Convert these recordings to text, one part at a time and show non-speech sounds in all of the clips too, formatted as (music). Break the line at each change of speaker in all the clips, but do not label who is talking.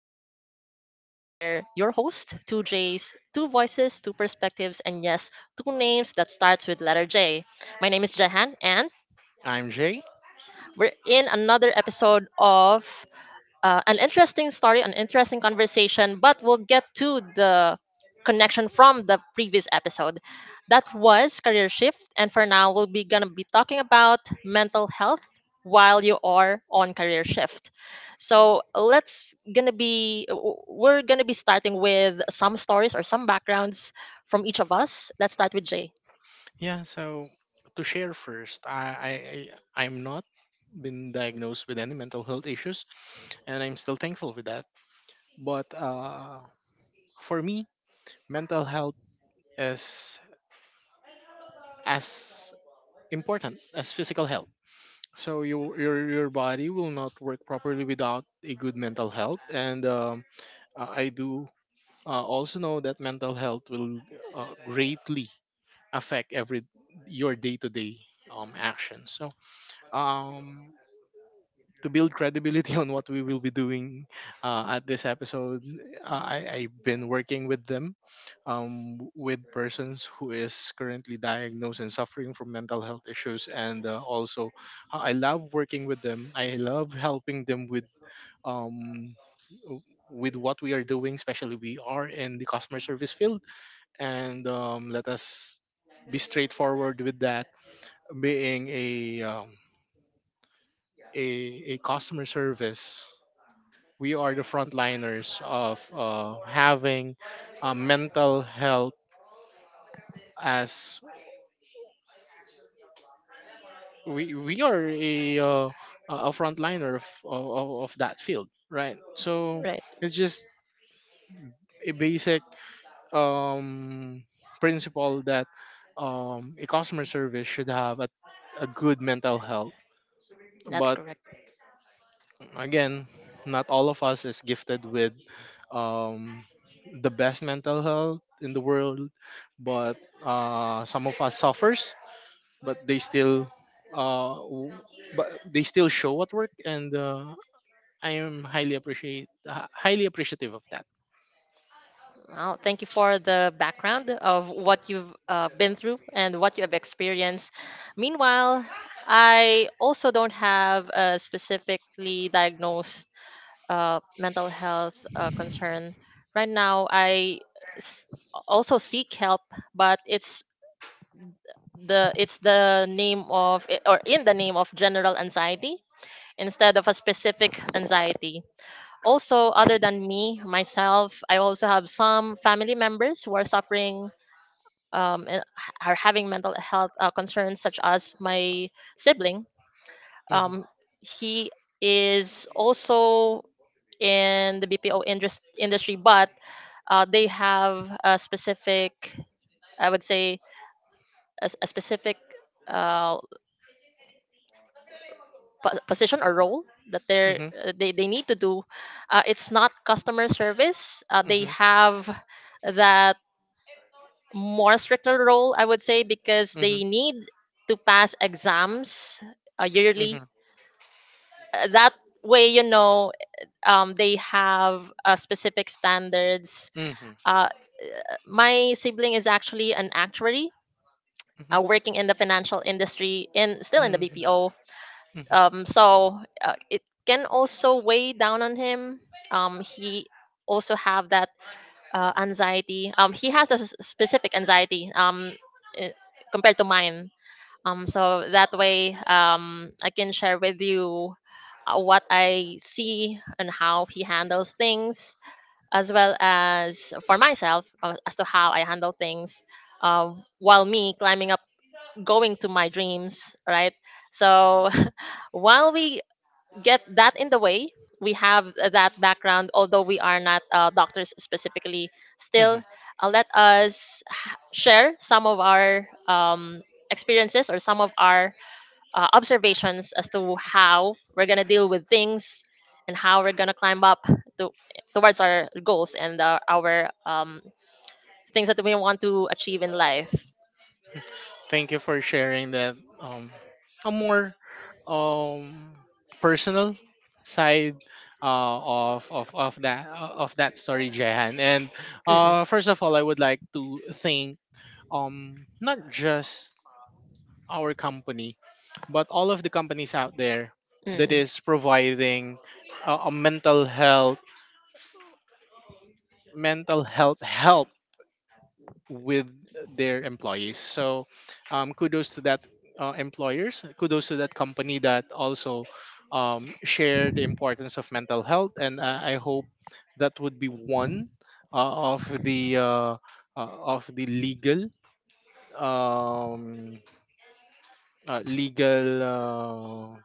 Podcast. And we're your host, two J's, two voices, two perspectives, and yes, two names that starts with letter J. My name is Jahan, and
I'm Jay.
we're in another episode of an interesting story, an interesting conversation, but we'll get to the connection from the previous episode. That was career shift, and for now, we'll be gonna be talking about mental health while you are on career shift. So let's gonna be we're gonna be starting with some stories or some backgrounds from each of us. Let's start with Jay.
Yeah, so to share first, I'm not been diagnosed with any mental health issues, and I'm still thankful with that. But for me, mental health is as important as physical health. So your body will not work properly without a good mental health, and I do also know that mental health will greatly affect every your day to day actions. So um to build credibility (laughs) on what we will be doing at this episode. I've been working with them, with persons who is currently diagnosed and suffering from mental health issues, and also I love working with them, I love helping them with, um, with what we are doing, especially we are in the customer service field, and let us be straightforward with that, being a um, a customer service. We are the frontliners of having mental health, as we are a a frontliner of, of that field, right? So
Right,
it's just a basic, um, principle that a customer service should have a good mental health,
that's
but
correct.
again, not all of us is gifted with um, the best mental health in the world, but some of us suffers, but they still, uh, w- but they still show at work, and I am highly appreciative of that.
Well, thank you for the background of what you've been through and what you have experienced. Meanwhile, I also don't have a specifically diagnosed mental health concern. Right now, I s- also seek help, but it's the name of or in the name of general anxiety instead of a specific anxiety. Also, other than me myself, I also have some family members who are suffering, and are having mental health concerns, such as my sibling.
Mm-hmm,
Um, he is also in the BPO industry, but they have a specific, I would say, a specific uh, position or role that they're,
mm-hmm,
they need to do. It's not customer service. They have that more stricter role, I would say, because
mm-hmm,
they need to pass exams yearly.
mm-hmm,
That way, you know, they have specific standards.
mm-hmm,
Uh, my sibling is actually an actuary,
mm-hmm, mm-hmm,
working in the financial industry and still
mm-hmm,
in the
mm-hmm,
BPO. So it can also weigh down on him. He also have that anxiety. He has a specific anxiety. I- Compared to mine. So that way, I can share with you what I see and how he handles things, as well as for myself as to how I handle things. While me climbing up, going to my dreams, right? So (laughs) while we get that in the way, we have that background, although we are not doctors specifically,
mm-hmm.
still let us share some of our experiences or some of our observations as to how we're gonna deal with things and how we're gonna climb up to, towards our goals and our things that we want to achieve in life.
Thank you for sharing that, um a more um personal side uh, of that story, Jehan. And
Mm-mm.
first of all, I would like to thank, not just our company, but all of the companies out there that
Mm.
is providing a mental health, help with their employees. So, kudos to that, employers. Kudos to that company that also, share the importance of mental health. And I hope that would be one of the uh, of the legal um, legal.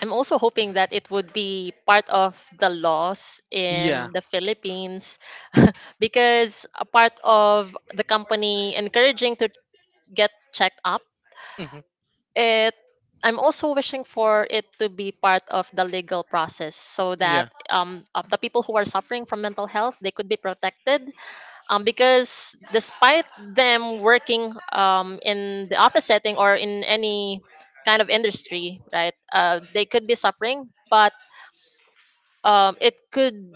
I'm also hoping that it would be part of the laws
Yeah.
in the Philippines. (laughs) Because a part of the company encouraging to get checked up,
Mhm.
it I'm also wishing for it to be part of the legal process so
Yeah.
that the people who are suffering from mental health, they could be protected, because despite them working, in the office setting or in any kind of industry, right, they could be suffering, but it could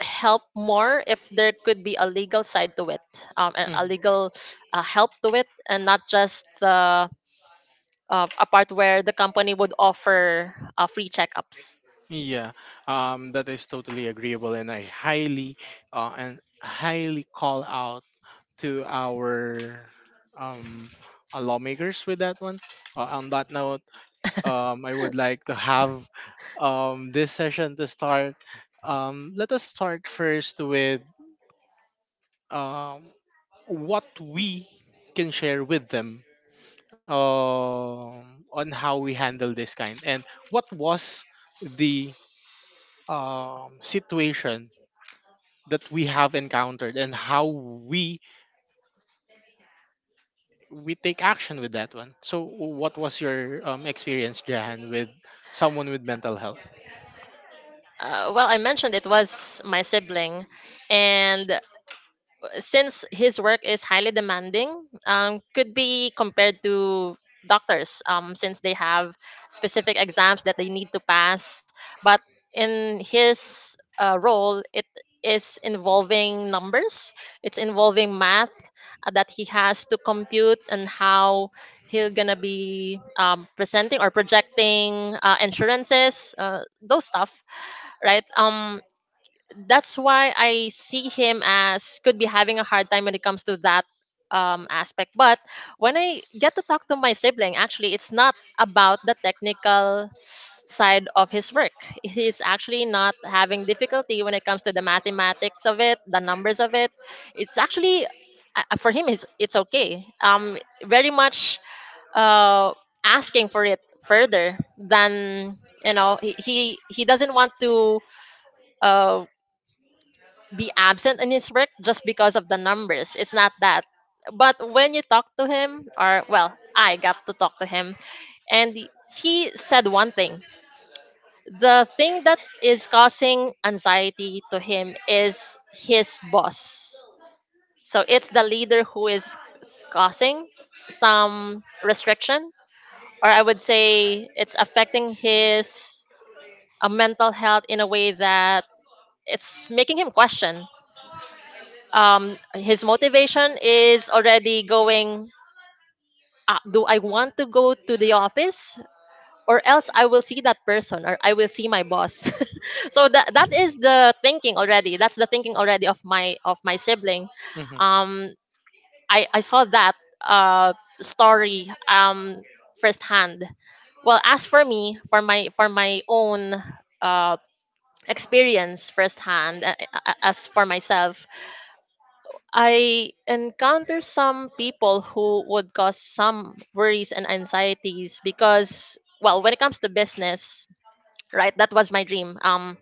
help more if there could be a legal side to it, a
Mhm.
legal help to it and not just the a part where the company would offer free checkups.
Yeah, that is totally agreeable, and I highly call out to our um, lawmakers with that one. On that note, I would like to have this session to start. Let us start first with, um, what we can share with them, um, on how we handle this kind, and what was the, situation that we have encountered, and how we we take action with that one. So, what was your, experience, Jahan, with someone with mental health?
Well, I mentioned it was my sibling, and since his work is highly demanding, could be compared to doctors, since they have specific exams that they need to pass. But in his role, it is involving numbers, it's involving math that he has to compute and how he'll gonna be presenting or projecting insurances, those stuff, right? That's why I see him as could be having a hard time when it comes to that aspect. But when I get to talk to my sibling, actually, it's not about the technical side of his work. He's actually not having difficulty when it comes to the mathematics of it, the numbers of it. It's actually for him, it's okay. Very much uh, asking for it further than, you know, he doesn't want to uh be absent in his work just because of the numbers. It's not that. But when you talk to him, or well, I got to talk to him, and he said one thing. The thing that is causing anxiety to him is his boss. So it's the leader who is causing some restriction, or I would say it's affecting his mental health in a way that it's making him question. His motivation is already going, do I want to go to the office, or else I will see that person or I will see my boss? (laughs) So that is the thinking already, that's the thinking already of my sibling.
Hmm.
um I saw that uh story, firsthand. Well, as for me, for my own uh experience firsthand, as for myself, I encounter some people who would cause some worries and anxieties because, well, when it comes to business, right, that was my dream.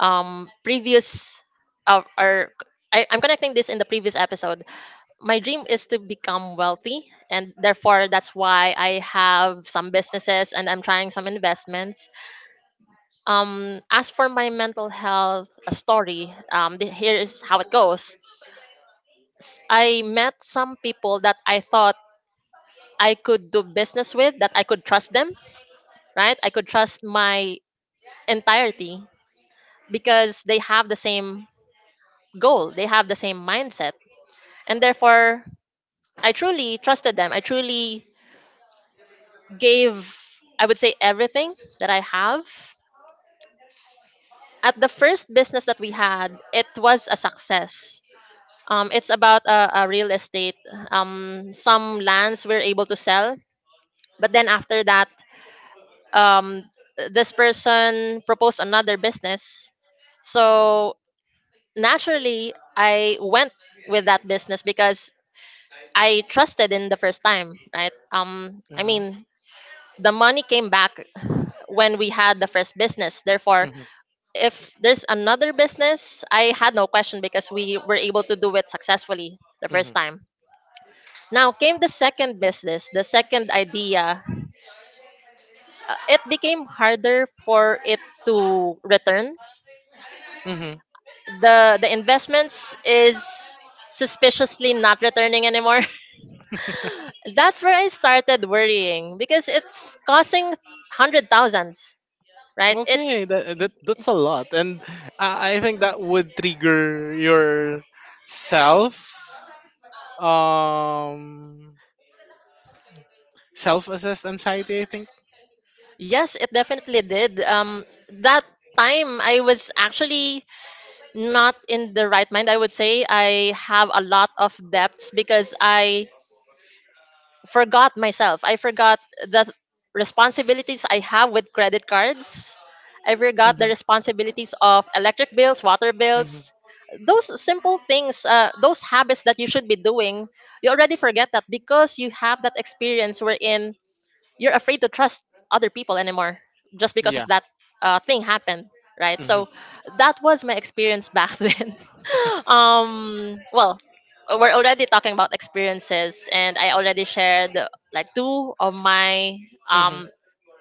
Previous or I, I'm connecting this in the previous episode. My dream is to become wealthy, and therefore that's why I have some businesses and I'm trying some investments. As for my mental health, story, here is how it goes. I met some people that I thought I could do business with, that I could trust them, right? I could trust my entirety because they have the same goal, they have the same mindset. And therefore, I truly trusted them. I truly gave, I would say, everything that I have. At the first business that we had, it was a success. It's about a real estate. Some lands we're able to sell, but then after that, um this person proposed another business. So naturally I went with that business because I trusted in the first time, right? I
Hmm.
mean, the money came back when we had the first business, therefore
Hmm.
if there's another business, I had no question because we were able to do it successfully the first
Hmm.
time. Now came the second business, the second idea. It became harder for it to return.
Hmm.
The investments is suspiciously not returning anymore. (laughs) That's where I started worrying because it's costing hundred thousands, right?
Okay,
It's
that's a lot, and I think that would trigger your self um self-assessed anxiety. I think.
yes, it definitely did. That time I was actually not in the right mind. I would say I have a lot of debts because I forgot myself. I forgot the responsibilities I have with credit cards. I forgot the
Hmm.
responsibilities of electric bills, water
Hmm.
bills. Those simple things, those habits that you should be doing, you already forget that because you have that experience wherein you're afraid to trust other people anymore just because of
Yeah.
that thing happened, right?
Hmm.
So that was my experience back (laughs) then. (laughs) Well, we're already talking about experiences, and I already shared like two of my
Hmm.
um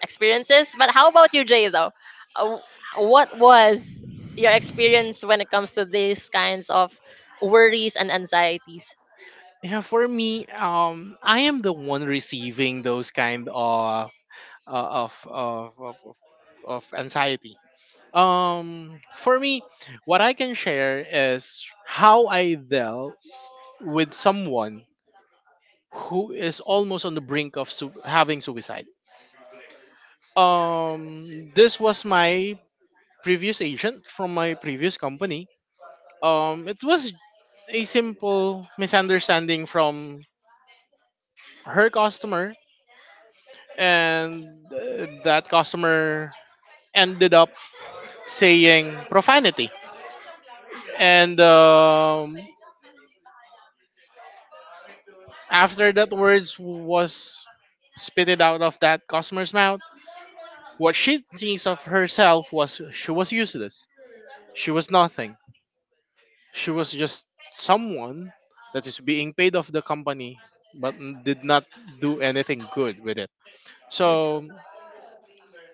experiences. But how about you, Jay though? Uh, what was your experience when it comes to these kinds of worries and anxieties?
Yeah. For me, I am the one receiving those kind uh, of, of of of of anxiety. For me, what I can share is how I dealt with someone who is almost on the brink of having suicide. This was my previous agent from my previous company. It was a simple misunderstanding from her customer, and that customer ended up saying profanity. And after that words was spitted out of that customer's mouth, what she thinks of herself was she was useless. She was nothing. She was just someone that is being paid off the company, but did not do anything good with it. So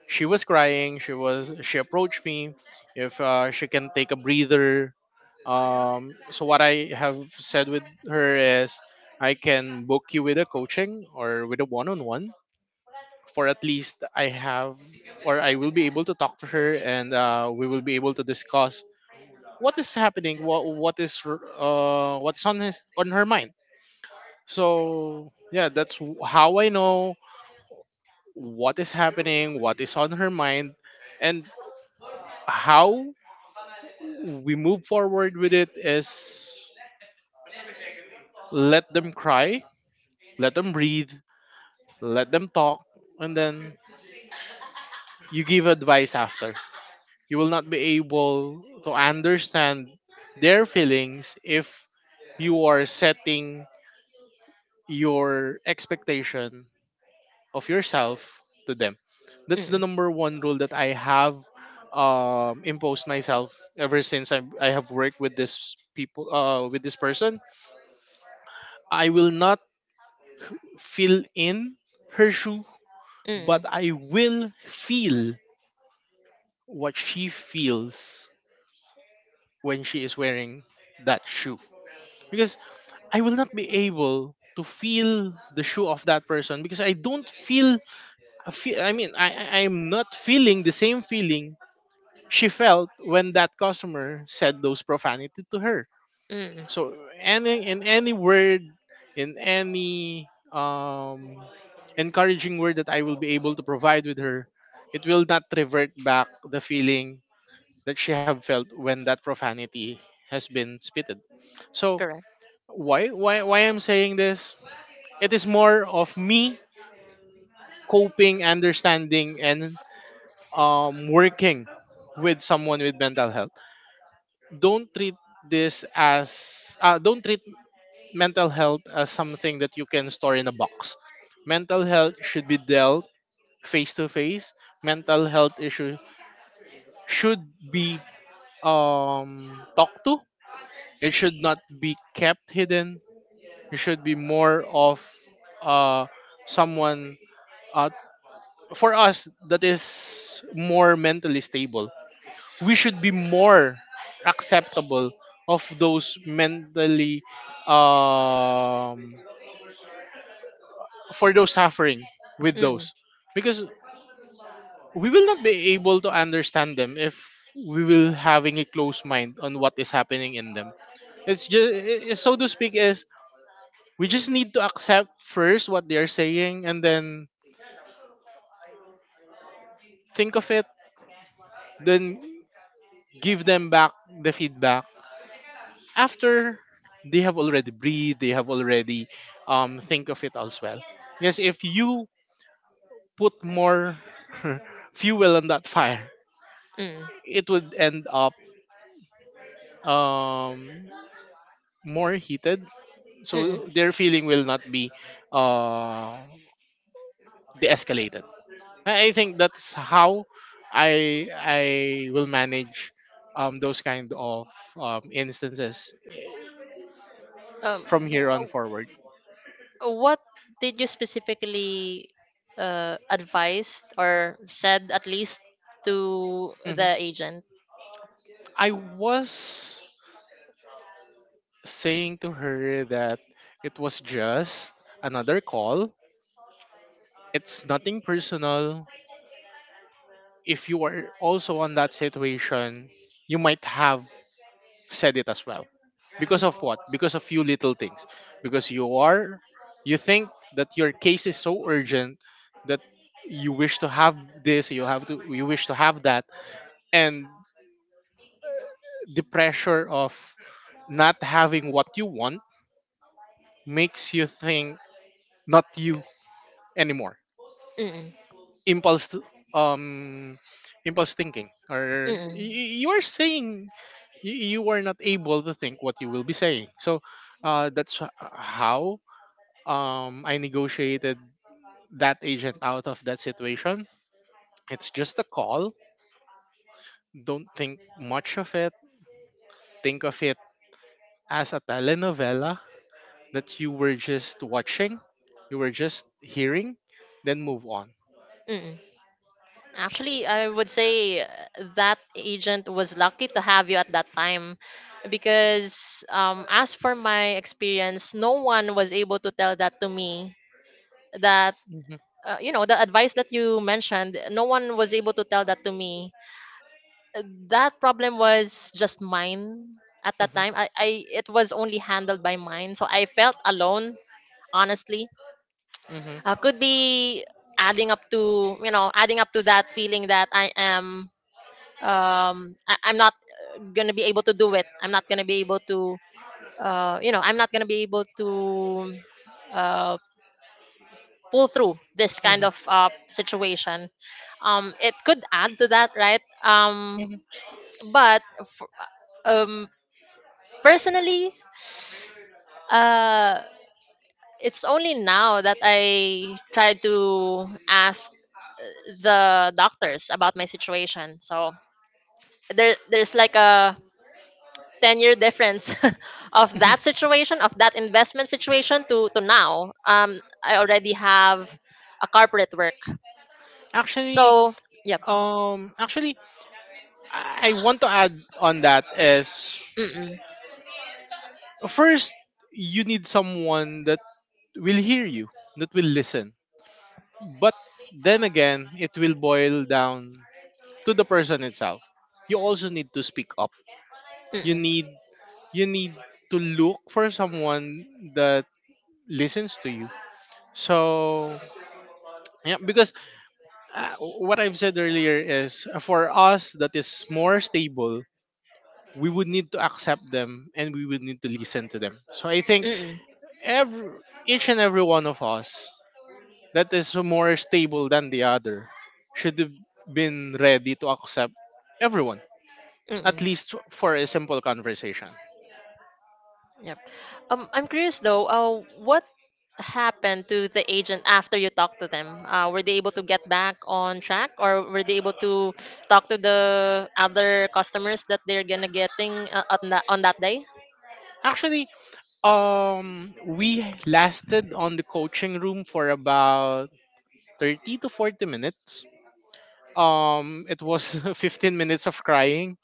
she was crying. She approached me if she can take a breather. So what I have said with her is, I can book you with a coaching or with a one-on-one, for at least I have or I will be able to talk to her, and we will be able to discuss what is happening, what's on her mind. So yeah, that's how I know what is happening, what is on her mind, and how we move forward with it is, let them cry, let them breathe, let them talk, and then you give advice after. You will not be able to understand their feelings if you are setting your expectation of yourself to them. That's the
Mm,
number one rule that I have, imposed myself ever since I have worked with this people, with this person. I will not fill in her shoe, but
mm,
I will feel what she feels when she is wearing that shoe, because I will not be able to feel the shoe of that person, because I don't feel. I mean I am not feeling the same feeling she felt when that customer said those profanity to her.
mm,
So any in any word, in any encouraging word that I will be able to provide with her, it will not revert back the feeling that she have felt when that profanity has been spitted. So
correct.
why I'm saying this? It is more of me coping, understanding, and working with someone with mental health. Don't treat don't treat mental health as something that you can store in a box. Mental health should be dealt face to face. Mental health issue should be talked to. It should not be kept hidden. It should be more of uh, someone uh, for us that is more mentally stable. We should be more acceptable of those mentally um, for those suffering with
Mm,
those, because we will not be able to understand them if we will having a close mind on what is happening in them. It's just, so to speak, is, we just need to accept first what they're saying, and then think of it, then give them back the feedback after they have already breathed, they have already think of it as well. Yes, if you put more (laughs) fuel on that fire,
mm,
it would end up um more heated,
mm.
so their feeling will not be uh de-escalated. I think that's how I will manage those kind of instances,
Um,
from
w-
here on
w-
forward.
what did you specifically advised or said at least to
Hmm.
the agent?
I was saying to her that it was just another call. It's nothing personal. If you are also on that situation, you might have said it as well. Because of what? Because of few little things. Because you are, you think that your case is so urgent that you wish to have this, you have to, you wish to have that, and the pressure of not having what you want makes you think not you anymore.
Mm-mm,
Impulse, um, impulse thinking, or
mm-mm,
you are saying, you are not able to think what you will be saying. So that's how I negotiated that agent out of that situation. It's just a call. Don't think much of it. Think of it as a telenovela that you were just watching, you were just hearing, then move on.
mm-mm. Actually, I would say, that agent was lucky to have you at that time because, as for my experience, no one was able to tell that to me. That,
Mhm.
you know, the advice that you mentioned, no one was able to tell that to me, uh, that problem was just mine at that
Mhm.
time. I it was only handled by mine, so I felt alone. Honestly,
Mhm.
could be adding up to, you know, adding up to that feeling that I am, I'm not gonna be able to do it. I'm not gonna be able to you know, I'm not gonna be able to uh pull through this kind
Mhm.
of situation. It could add to that, right? Um,
Mhm.
but f- um Personally, uh, it's only now that I try to ask the doctors about my situation. So there's like a 10 year difference (laughs) of
Mhm.
that situation, of that investment situation to now. I already have a corporate work.
Actually,
So yep.
um, actually, I want to add on that is,
Mm,
first you need someone that will hear you, that will listen. But then again, it will boil down to the person itself. You also need to speak up.
mm,
You
mm,
need you need to look for someone that listens to you. So yeah, because what I've said earlier is, for us that is more stable, we would need to accept them and we would need to listen to them. So I think
mm,
every each and every one of us that is more stable than the other should have been ready to accept everyone,
mm,
at
mm.
least for a simple conversation.
Yep. I'm curious though. What happened to the agent after you talked to them? Were they able to get back on track, or were they able to talk to the other customers that they're gonna getting on that day?
Actually, we lasted on the coaching room for about 30 to 40 minutes. It was (laughs) 15 minutes of crying,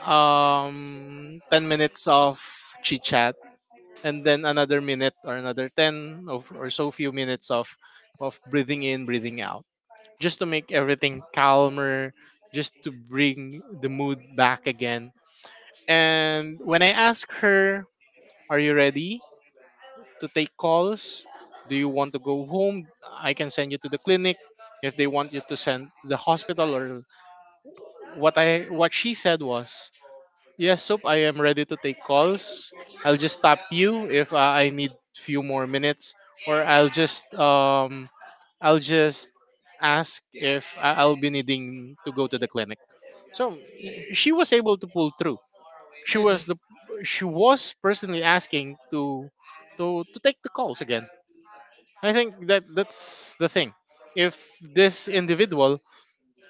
10 minutes of chit chat, and then another minute, or another 10 of, or so, few minutes of breathing in, breathing out, just to make everything calmer, just to bring the mood back again. And when I ask her, Are you ready to take calls? Do you want to go home? I can send you to the clinic if they want you to send to the hospital, or what she said was, Yes, Soap, I am ready to take calls. I'll just tap you if I need few more minutes, or I'll just ask if I'll be needing to go to the clinic. So she
Mm.
was able to pull through. She
Mm-mm.
was the she was personally asking to take the calls again. I think that that's the thing. If this individual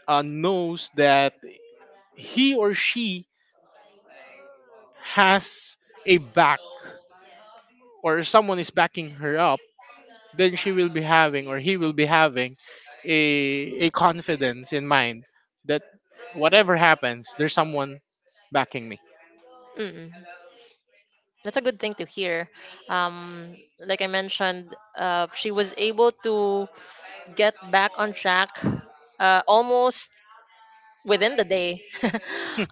knows that he or she has a back, or someone is backing her up, then she will be having, or he will be having a confidence in mind that, whatever happens, there's someone backing me.
Mm-mm. That's a good thing to hear. Um, like I mentioned, she was able to get back on track almost within the day. (laughs)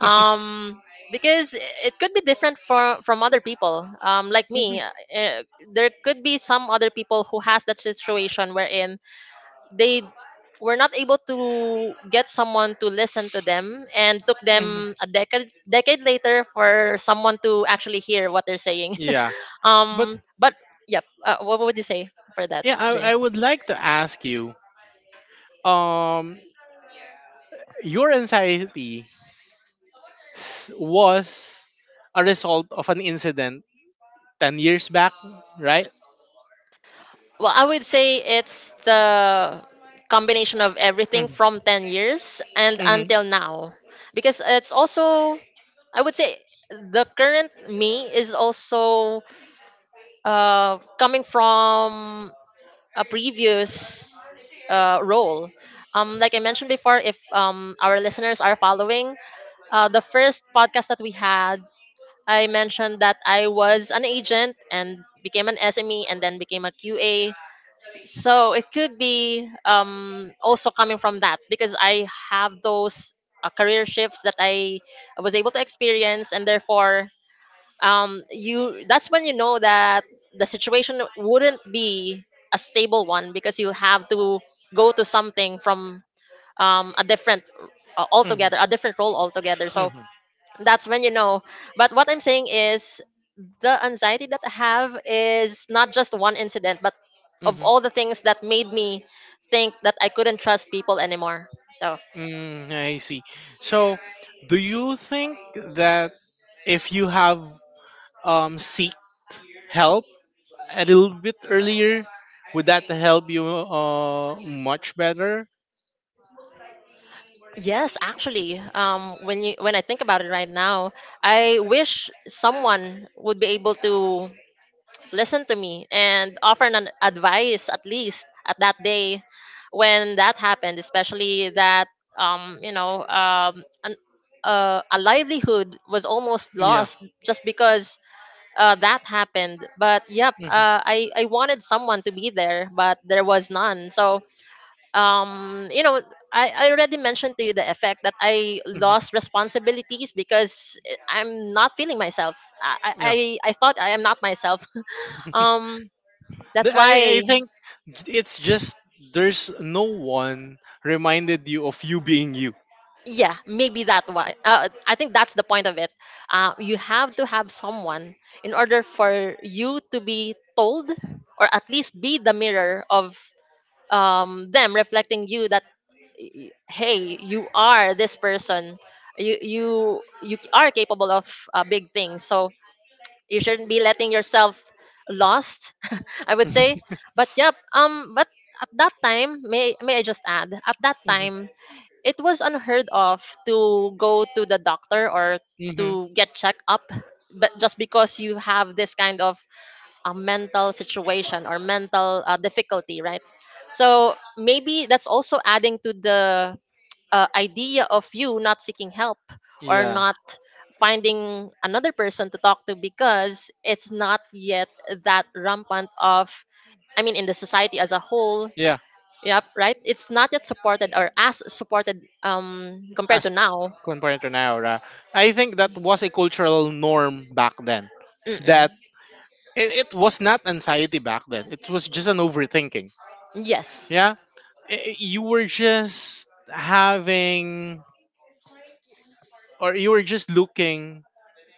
um because it could be different for from other people, like
hmm
me. There could be some other people who has that situation wherein they were not able to get someone to listen to them, and took
hmm
them a decade later for someone to actually hear what they're saying.
Yeah,
(laughs)
but
But yep, what would you say for that,
yeah,
Jay?
I would like to ask you, um, your anxiety was a result of an incident 10 years back, right?
Well, I would say it's the combination of everything
Mm-hmm.
from 10 years and until
Mm-hmm.
now. Because it's also, I would say, the current me is also coming from a previous role. Like I mentioned before, if our listeners are following the first podcast that we had, I mentioned that I was an agent and became an SME and then became a QA, so it could be, also coming from that, because I have those career shifts that I was able to experience, and therefore, you that's when you know that the situation wouldn't be a stable one, because you have to go to something from, a different
Mm-hmm.
altogether, a different role altogether. So that's when you know. But what I'm saying is the anxiety that I have is not just one incident, but of
Mm-hmm.
all the things that made me think that I couldn't trust people anymore. So
Mm, I see. So, do you think that if you have seek help a little bit earlier, would that help you much better?
yes, actually, when you when I think about it right now, I wish someone would be able to listen to me and offer an advice at least at that day when that happened, especially that, um, you know um, an, a livelihood was almost
Yeah.
lost just because that happened. But yep,
hmm
I wanted someone to be there, but there was none. So um, you know, I already mentioned to you the effect that I
hmm
lost responsibilities because I'm not feeling myself. I I,
Yeah.
I I thought I am not myself. (laughs) Um, that's
I I
why.
think j- it's just there's no one reminded you of you being you. (laughs)
Yeah, maybe that why. I think that's the point of it. You have to have someone in order for you to be told, or at least be the mirror of them reflecting you that hey, you are this person, you you are capable of big things, so you shouldn't be letting yourself lost, (laughs) I would say. But but at that time, may I just add, at that time it was unheard of to go to the doctor or
Mm-hmm.
to get checked up, but just because you have this kind of a mental situation or mental difficulty, right? So maybe that's also adding to the idea of you not seeking help, or
Yeah.
not finding another person to talk to, because it's not yet that rampant of, I mean, in the society as a whole.
Yeah.
Yep, right. It's not yet supported or as supported compared to
As
now.
compared to now, I think that was a cultural norm back then.
Mm-mm.
That It was not anxiety back then. It was just an overthinking.
Yes,
Yeah. You were just having, or you were just looking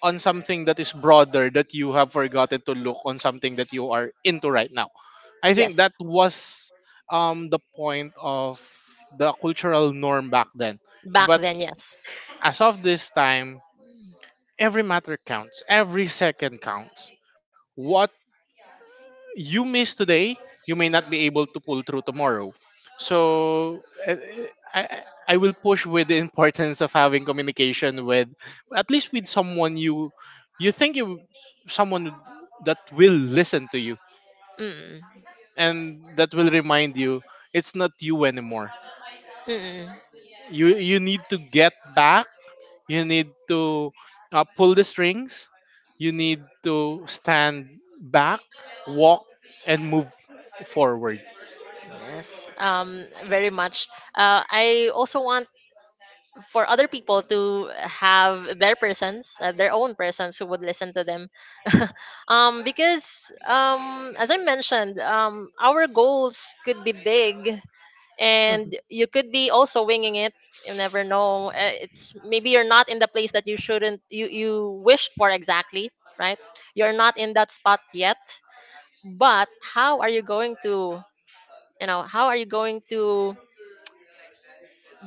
on something that is broader that you have forgotten to look on something that you are into right now. I think that
yes.
was the point of the cultural norm back then.
Back
But
then, yes.
as of this time, every matter counts, every second counts. What you miss today, you may not be able to pull through tomorrow. So I will push with the (laughs) importance of having communication with at least with someone you you think you someone that will listen to you
Mm-mm.
and that will remind you it's not you anymore.
Mm-mm.
You need to get back. You need to pull the strings. You need to stand back, walk, and move forward.
Yes, very much. I also want for other people to have their persons, their own persons who would listen to them. (laughs) Because, as I mentioned, our goals could be big
Mhm,
and you could be also winging it. You never know. It's maybe you're not in the place that you shouldn't, you wished for exactly, right? You're not in that spot yet. But how are you going to, you know, how are you going to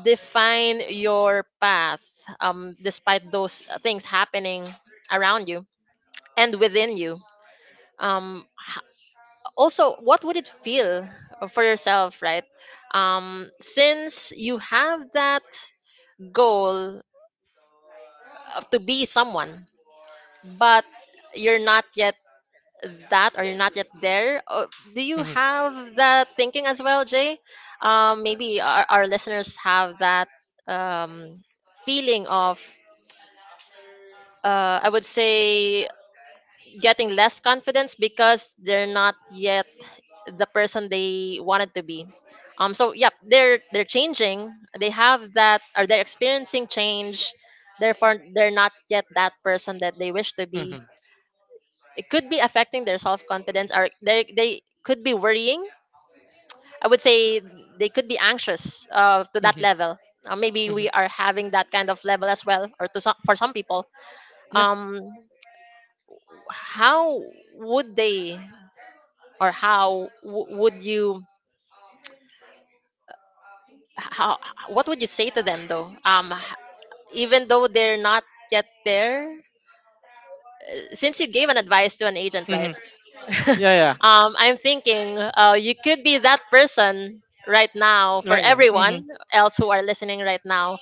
define your path despite those things happening around you and within you? um, h- Also, what would it feel for yourself, right? Since you have that goal of to be someone, but you're not yet that, or you're not yet there, do you
mhm.
have that thinking as well, Jay? Maybe our listeners have that, um, feeling of, I would say, getting less confidence because they're not yet the person they wanted to be. So yeah, they're changing. They have that, or they're experiencing change. Therefore, they're not yet that person that they wish to be.
Mhm.
It could be affecting their self confidence, or they could be worrying. I would say they could be anxious to that
Mhm.
level. Maybe
Mhm.
we are having that kind of level as well, or to some, for some people.
Yeah.
Um, how would they, or how would you, how what would you say to them though, even though they're not yet there, since you gave an advice to an agent, right?
Mhm.
(laughs)
Yeah. Yeah.
I'm thinking, you could be that person right now for
Right. Yeah.
everyone
Mhm.
else who are listening right now.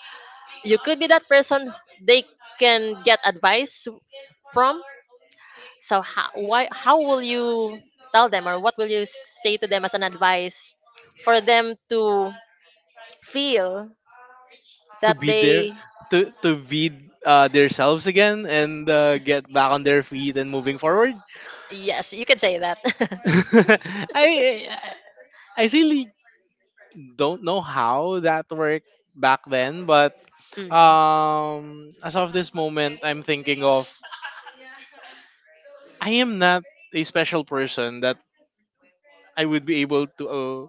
You could be that person they can get advice from. So how will you tell them, or what will you say to them as an advice for them to feel
To
that
be there,
they...
to be themselves again and get back on their feet and moving forward.
Yes, you can say that.
(laughs) I I I really don't know how that worked back
(laughs)
then, but
Mm.
as of this moment, I'm thinking of I am not a special person that I would be able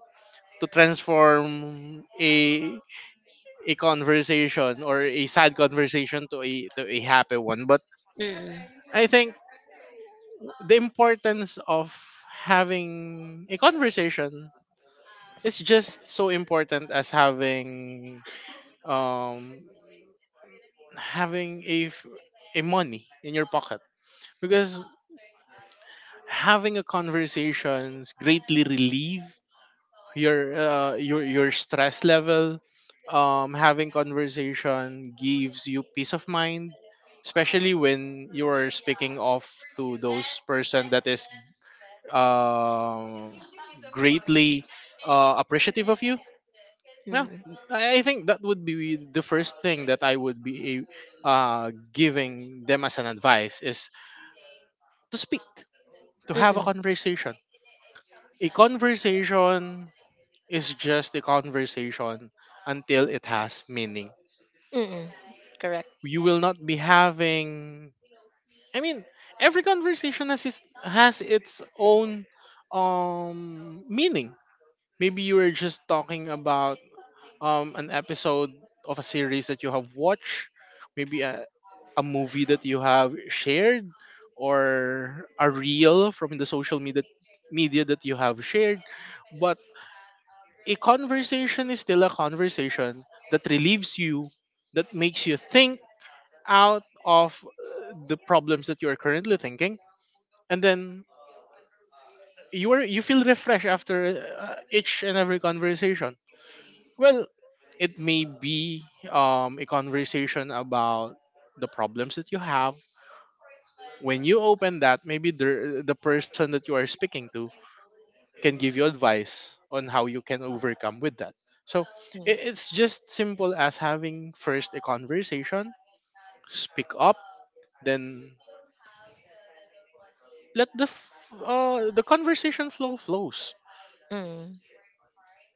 to transform a a conversation or a sad conversation to a happy one. But
Mm.
I think the importance of having a conversation is just so important as having um having a money in your pocket because having a conversations greatly relieve your your stress level having conversation gives you peace of mind especially when you are speaking off to those person that is uh, greatly appreciative of you yeah
Mm.
I think that would be the first thing that I would be giving them as an advice is to speak to have
Mm-mm.
a conversation is just a conversation until it has meaning.
Mm-mm. Correct.
You will not be having I mean, every conversation has has its own meaning. Maybe you were just talking about an episode of a series that you have watched, maybe a movie that you have shared or a reel from the social media that you have shared, but a conversation is still a conversation that relieves you, that makes you think out of the problems that you are currently thinking, and then you feel refreshed after each and every conversation. Well, it may be a conversation about the problems that you have. When you open that, maybe the person that you are speaking to can give you advice on how you can overcome with that. So
Mm.
it's just simple as having first a conversation, speak up, then let the conversation flows.
Mm.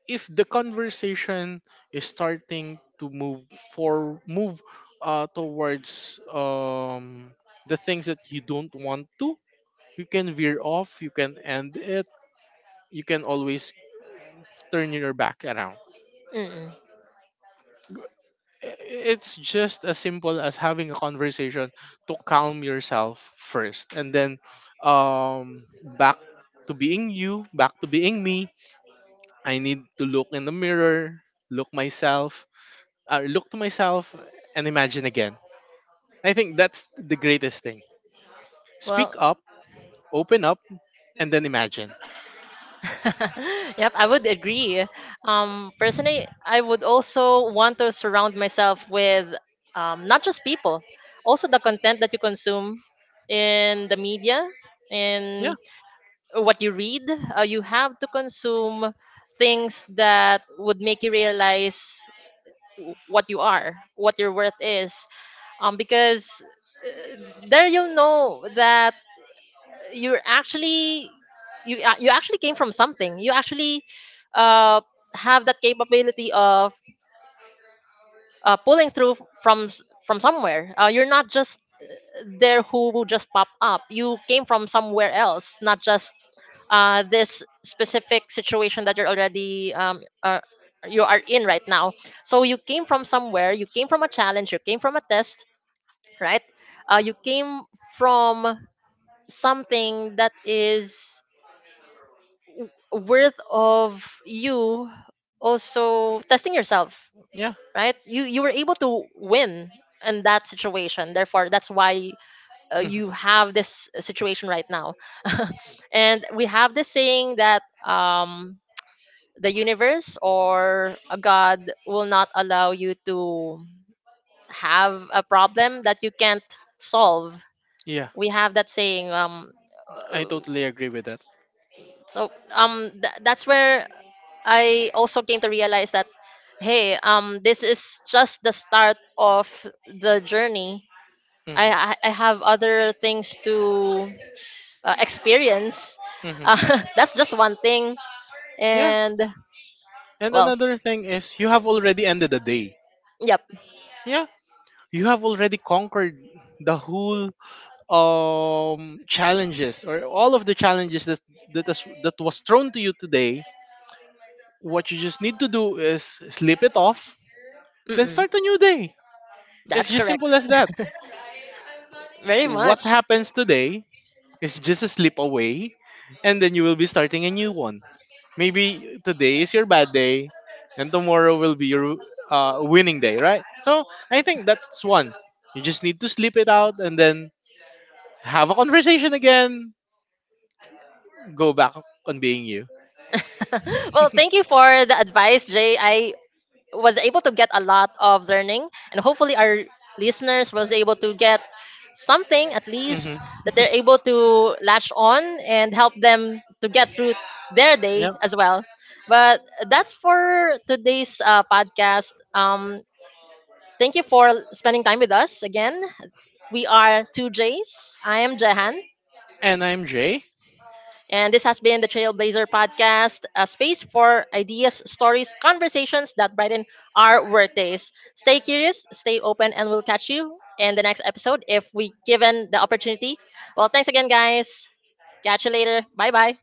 If the conversation is starting to move towards the things that you don't want to, you can veer off, you can end it, you can always turn your back around.
Mm.
It's just as simple as having a conversation to calm yourself first and then um back to being you back to being me. I need to look in the mirror, look myself, look to myself and imagine again. I think that's the greatest thing. Speak
Well,
up, open up, and then imagine.
(laughs) yep, I would agree. Personally, I would also want to surround myself with, not just people, also the content that you consume in the media
Yeah.
and what you read. You have to consume things that would make you realize what you are, what your worth is. Because there you'll know that you're actually you actually came from something. You actually uh, have that capability of pulling through from from somewhere. You're not just there who just popped up. You came from somewhere else, not just this specific situation that you're already you are in right now. So you came from somewhere. You came from a challenge. You came from a test, right? You came from something that is worth of you also testing yourself,
Yeah.
right? You were able to win in that situation, therefore that's why
Hmm.
you have this situation right now. (laughs) And we have this saying that, the universe or a god will not allow you to have a problem that you can't solve.
Yeah,
We have that saying,
I
uh,
totally agree with that.
so, that's where I also came to realize that, hey, this is just the start of the journey. I
Hmm.
I I have other things to experience.
Hmm.
(laughs) That's just one thing,
Yeah,
and
and
well,
another thing is you have already ended the day.
yep,
Yeah, you have already conquered the whole challenges or all of the challenges that that was thrown to you today. What you just need to do is slip it off then
mm-mm,
start a new day. It's
that's
just
correct.
simple as that.
(laughs) Very
What
much.
happens today is just a slip away and then you will be starting a new one. Maybe today is your bad day and tomorrow will be your winning day, right? So I think that's one. You just need to slip it out and then have a conversation again, go back on being you.
(laughs) Well, thank you for the advice, Jay. I was able to get a lot of learning, and hopefully our listeners was able to get something at least
Hmm.
that they're able to latch on and help them to get through their day
Yep.
as well. But that's for today's podcast. Thank you for spending time with us again. We are two J's. I am Jehan.
And I'm Jay.
And this has been the Trailblazer Podcast, a space for ideas, stories, conversations that brighten our workdays. Stay curious, stay open, and we'll catch you in the next episode if we given the opportunity. Well, thanks again, guys. Catch you later. Bye bye.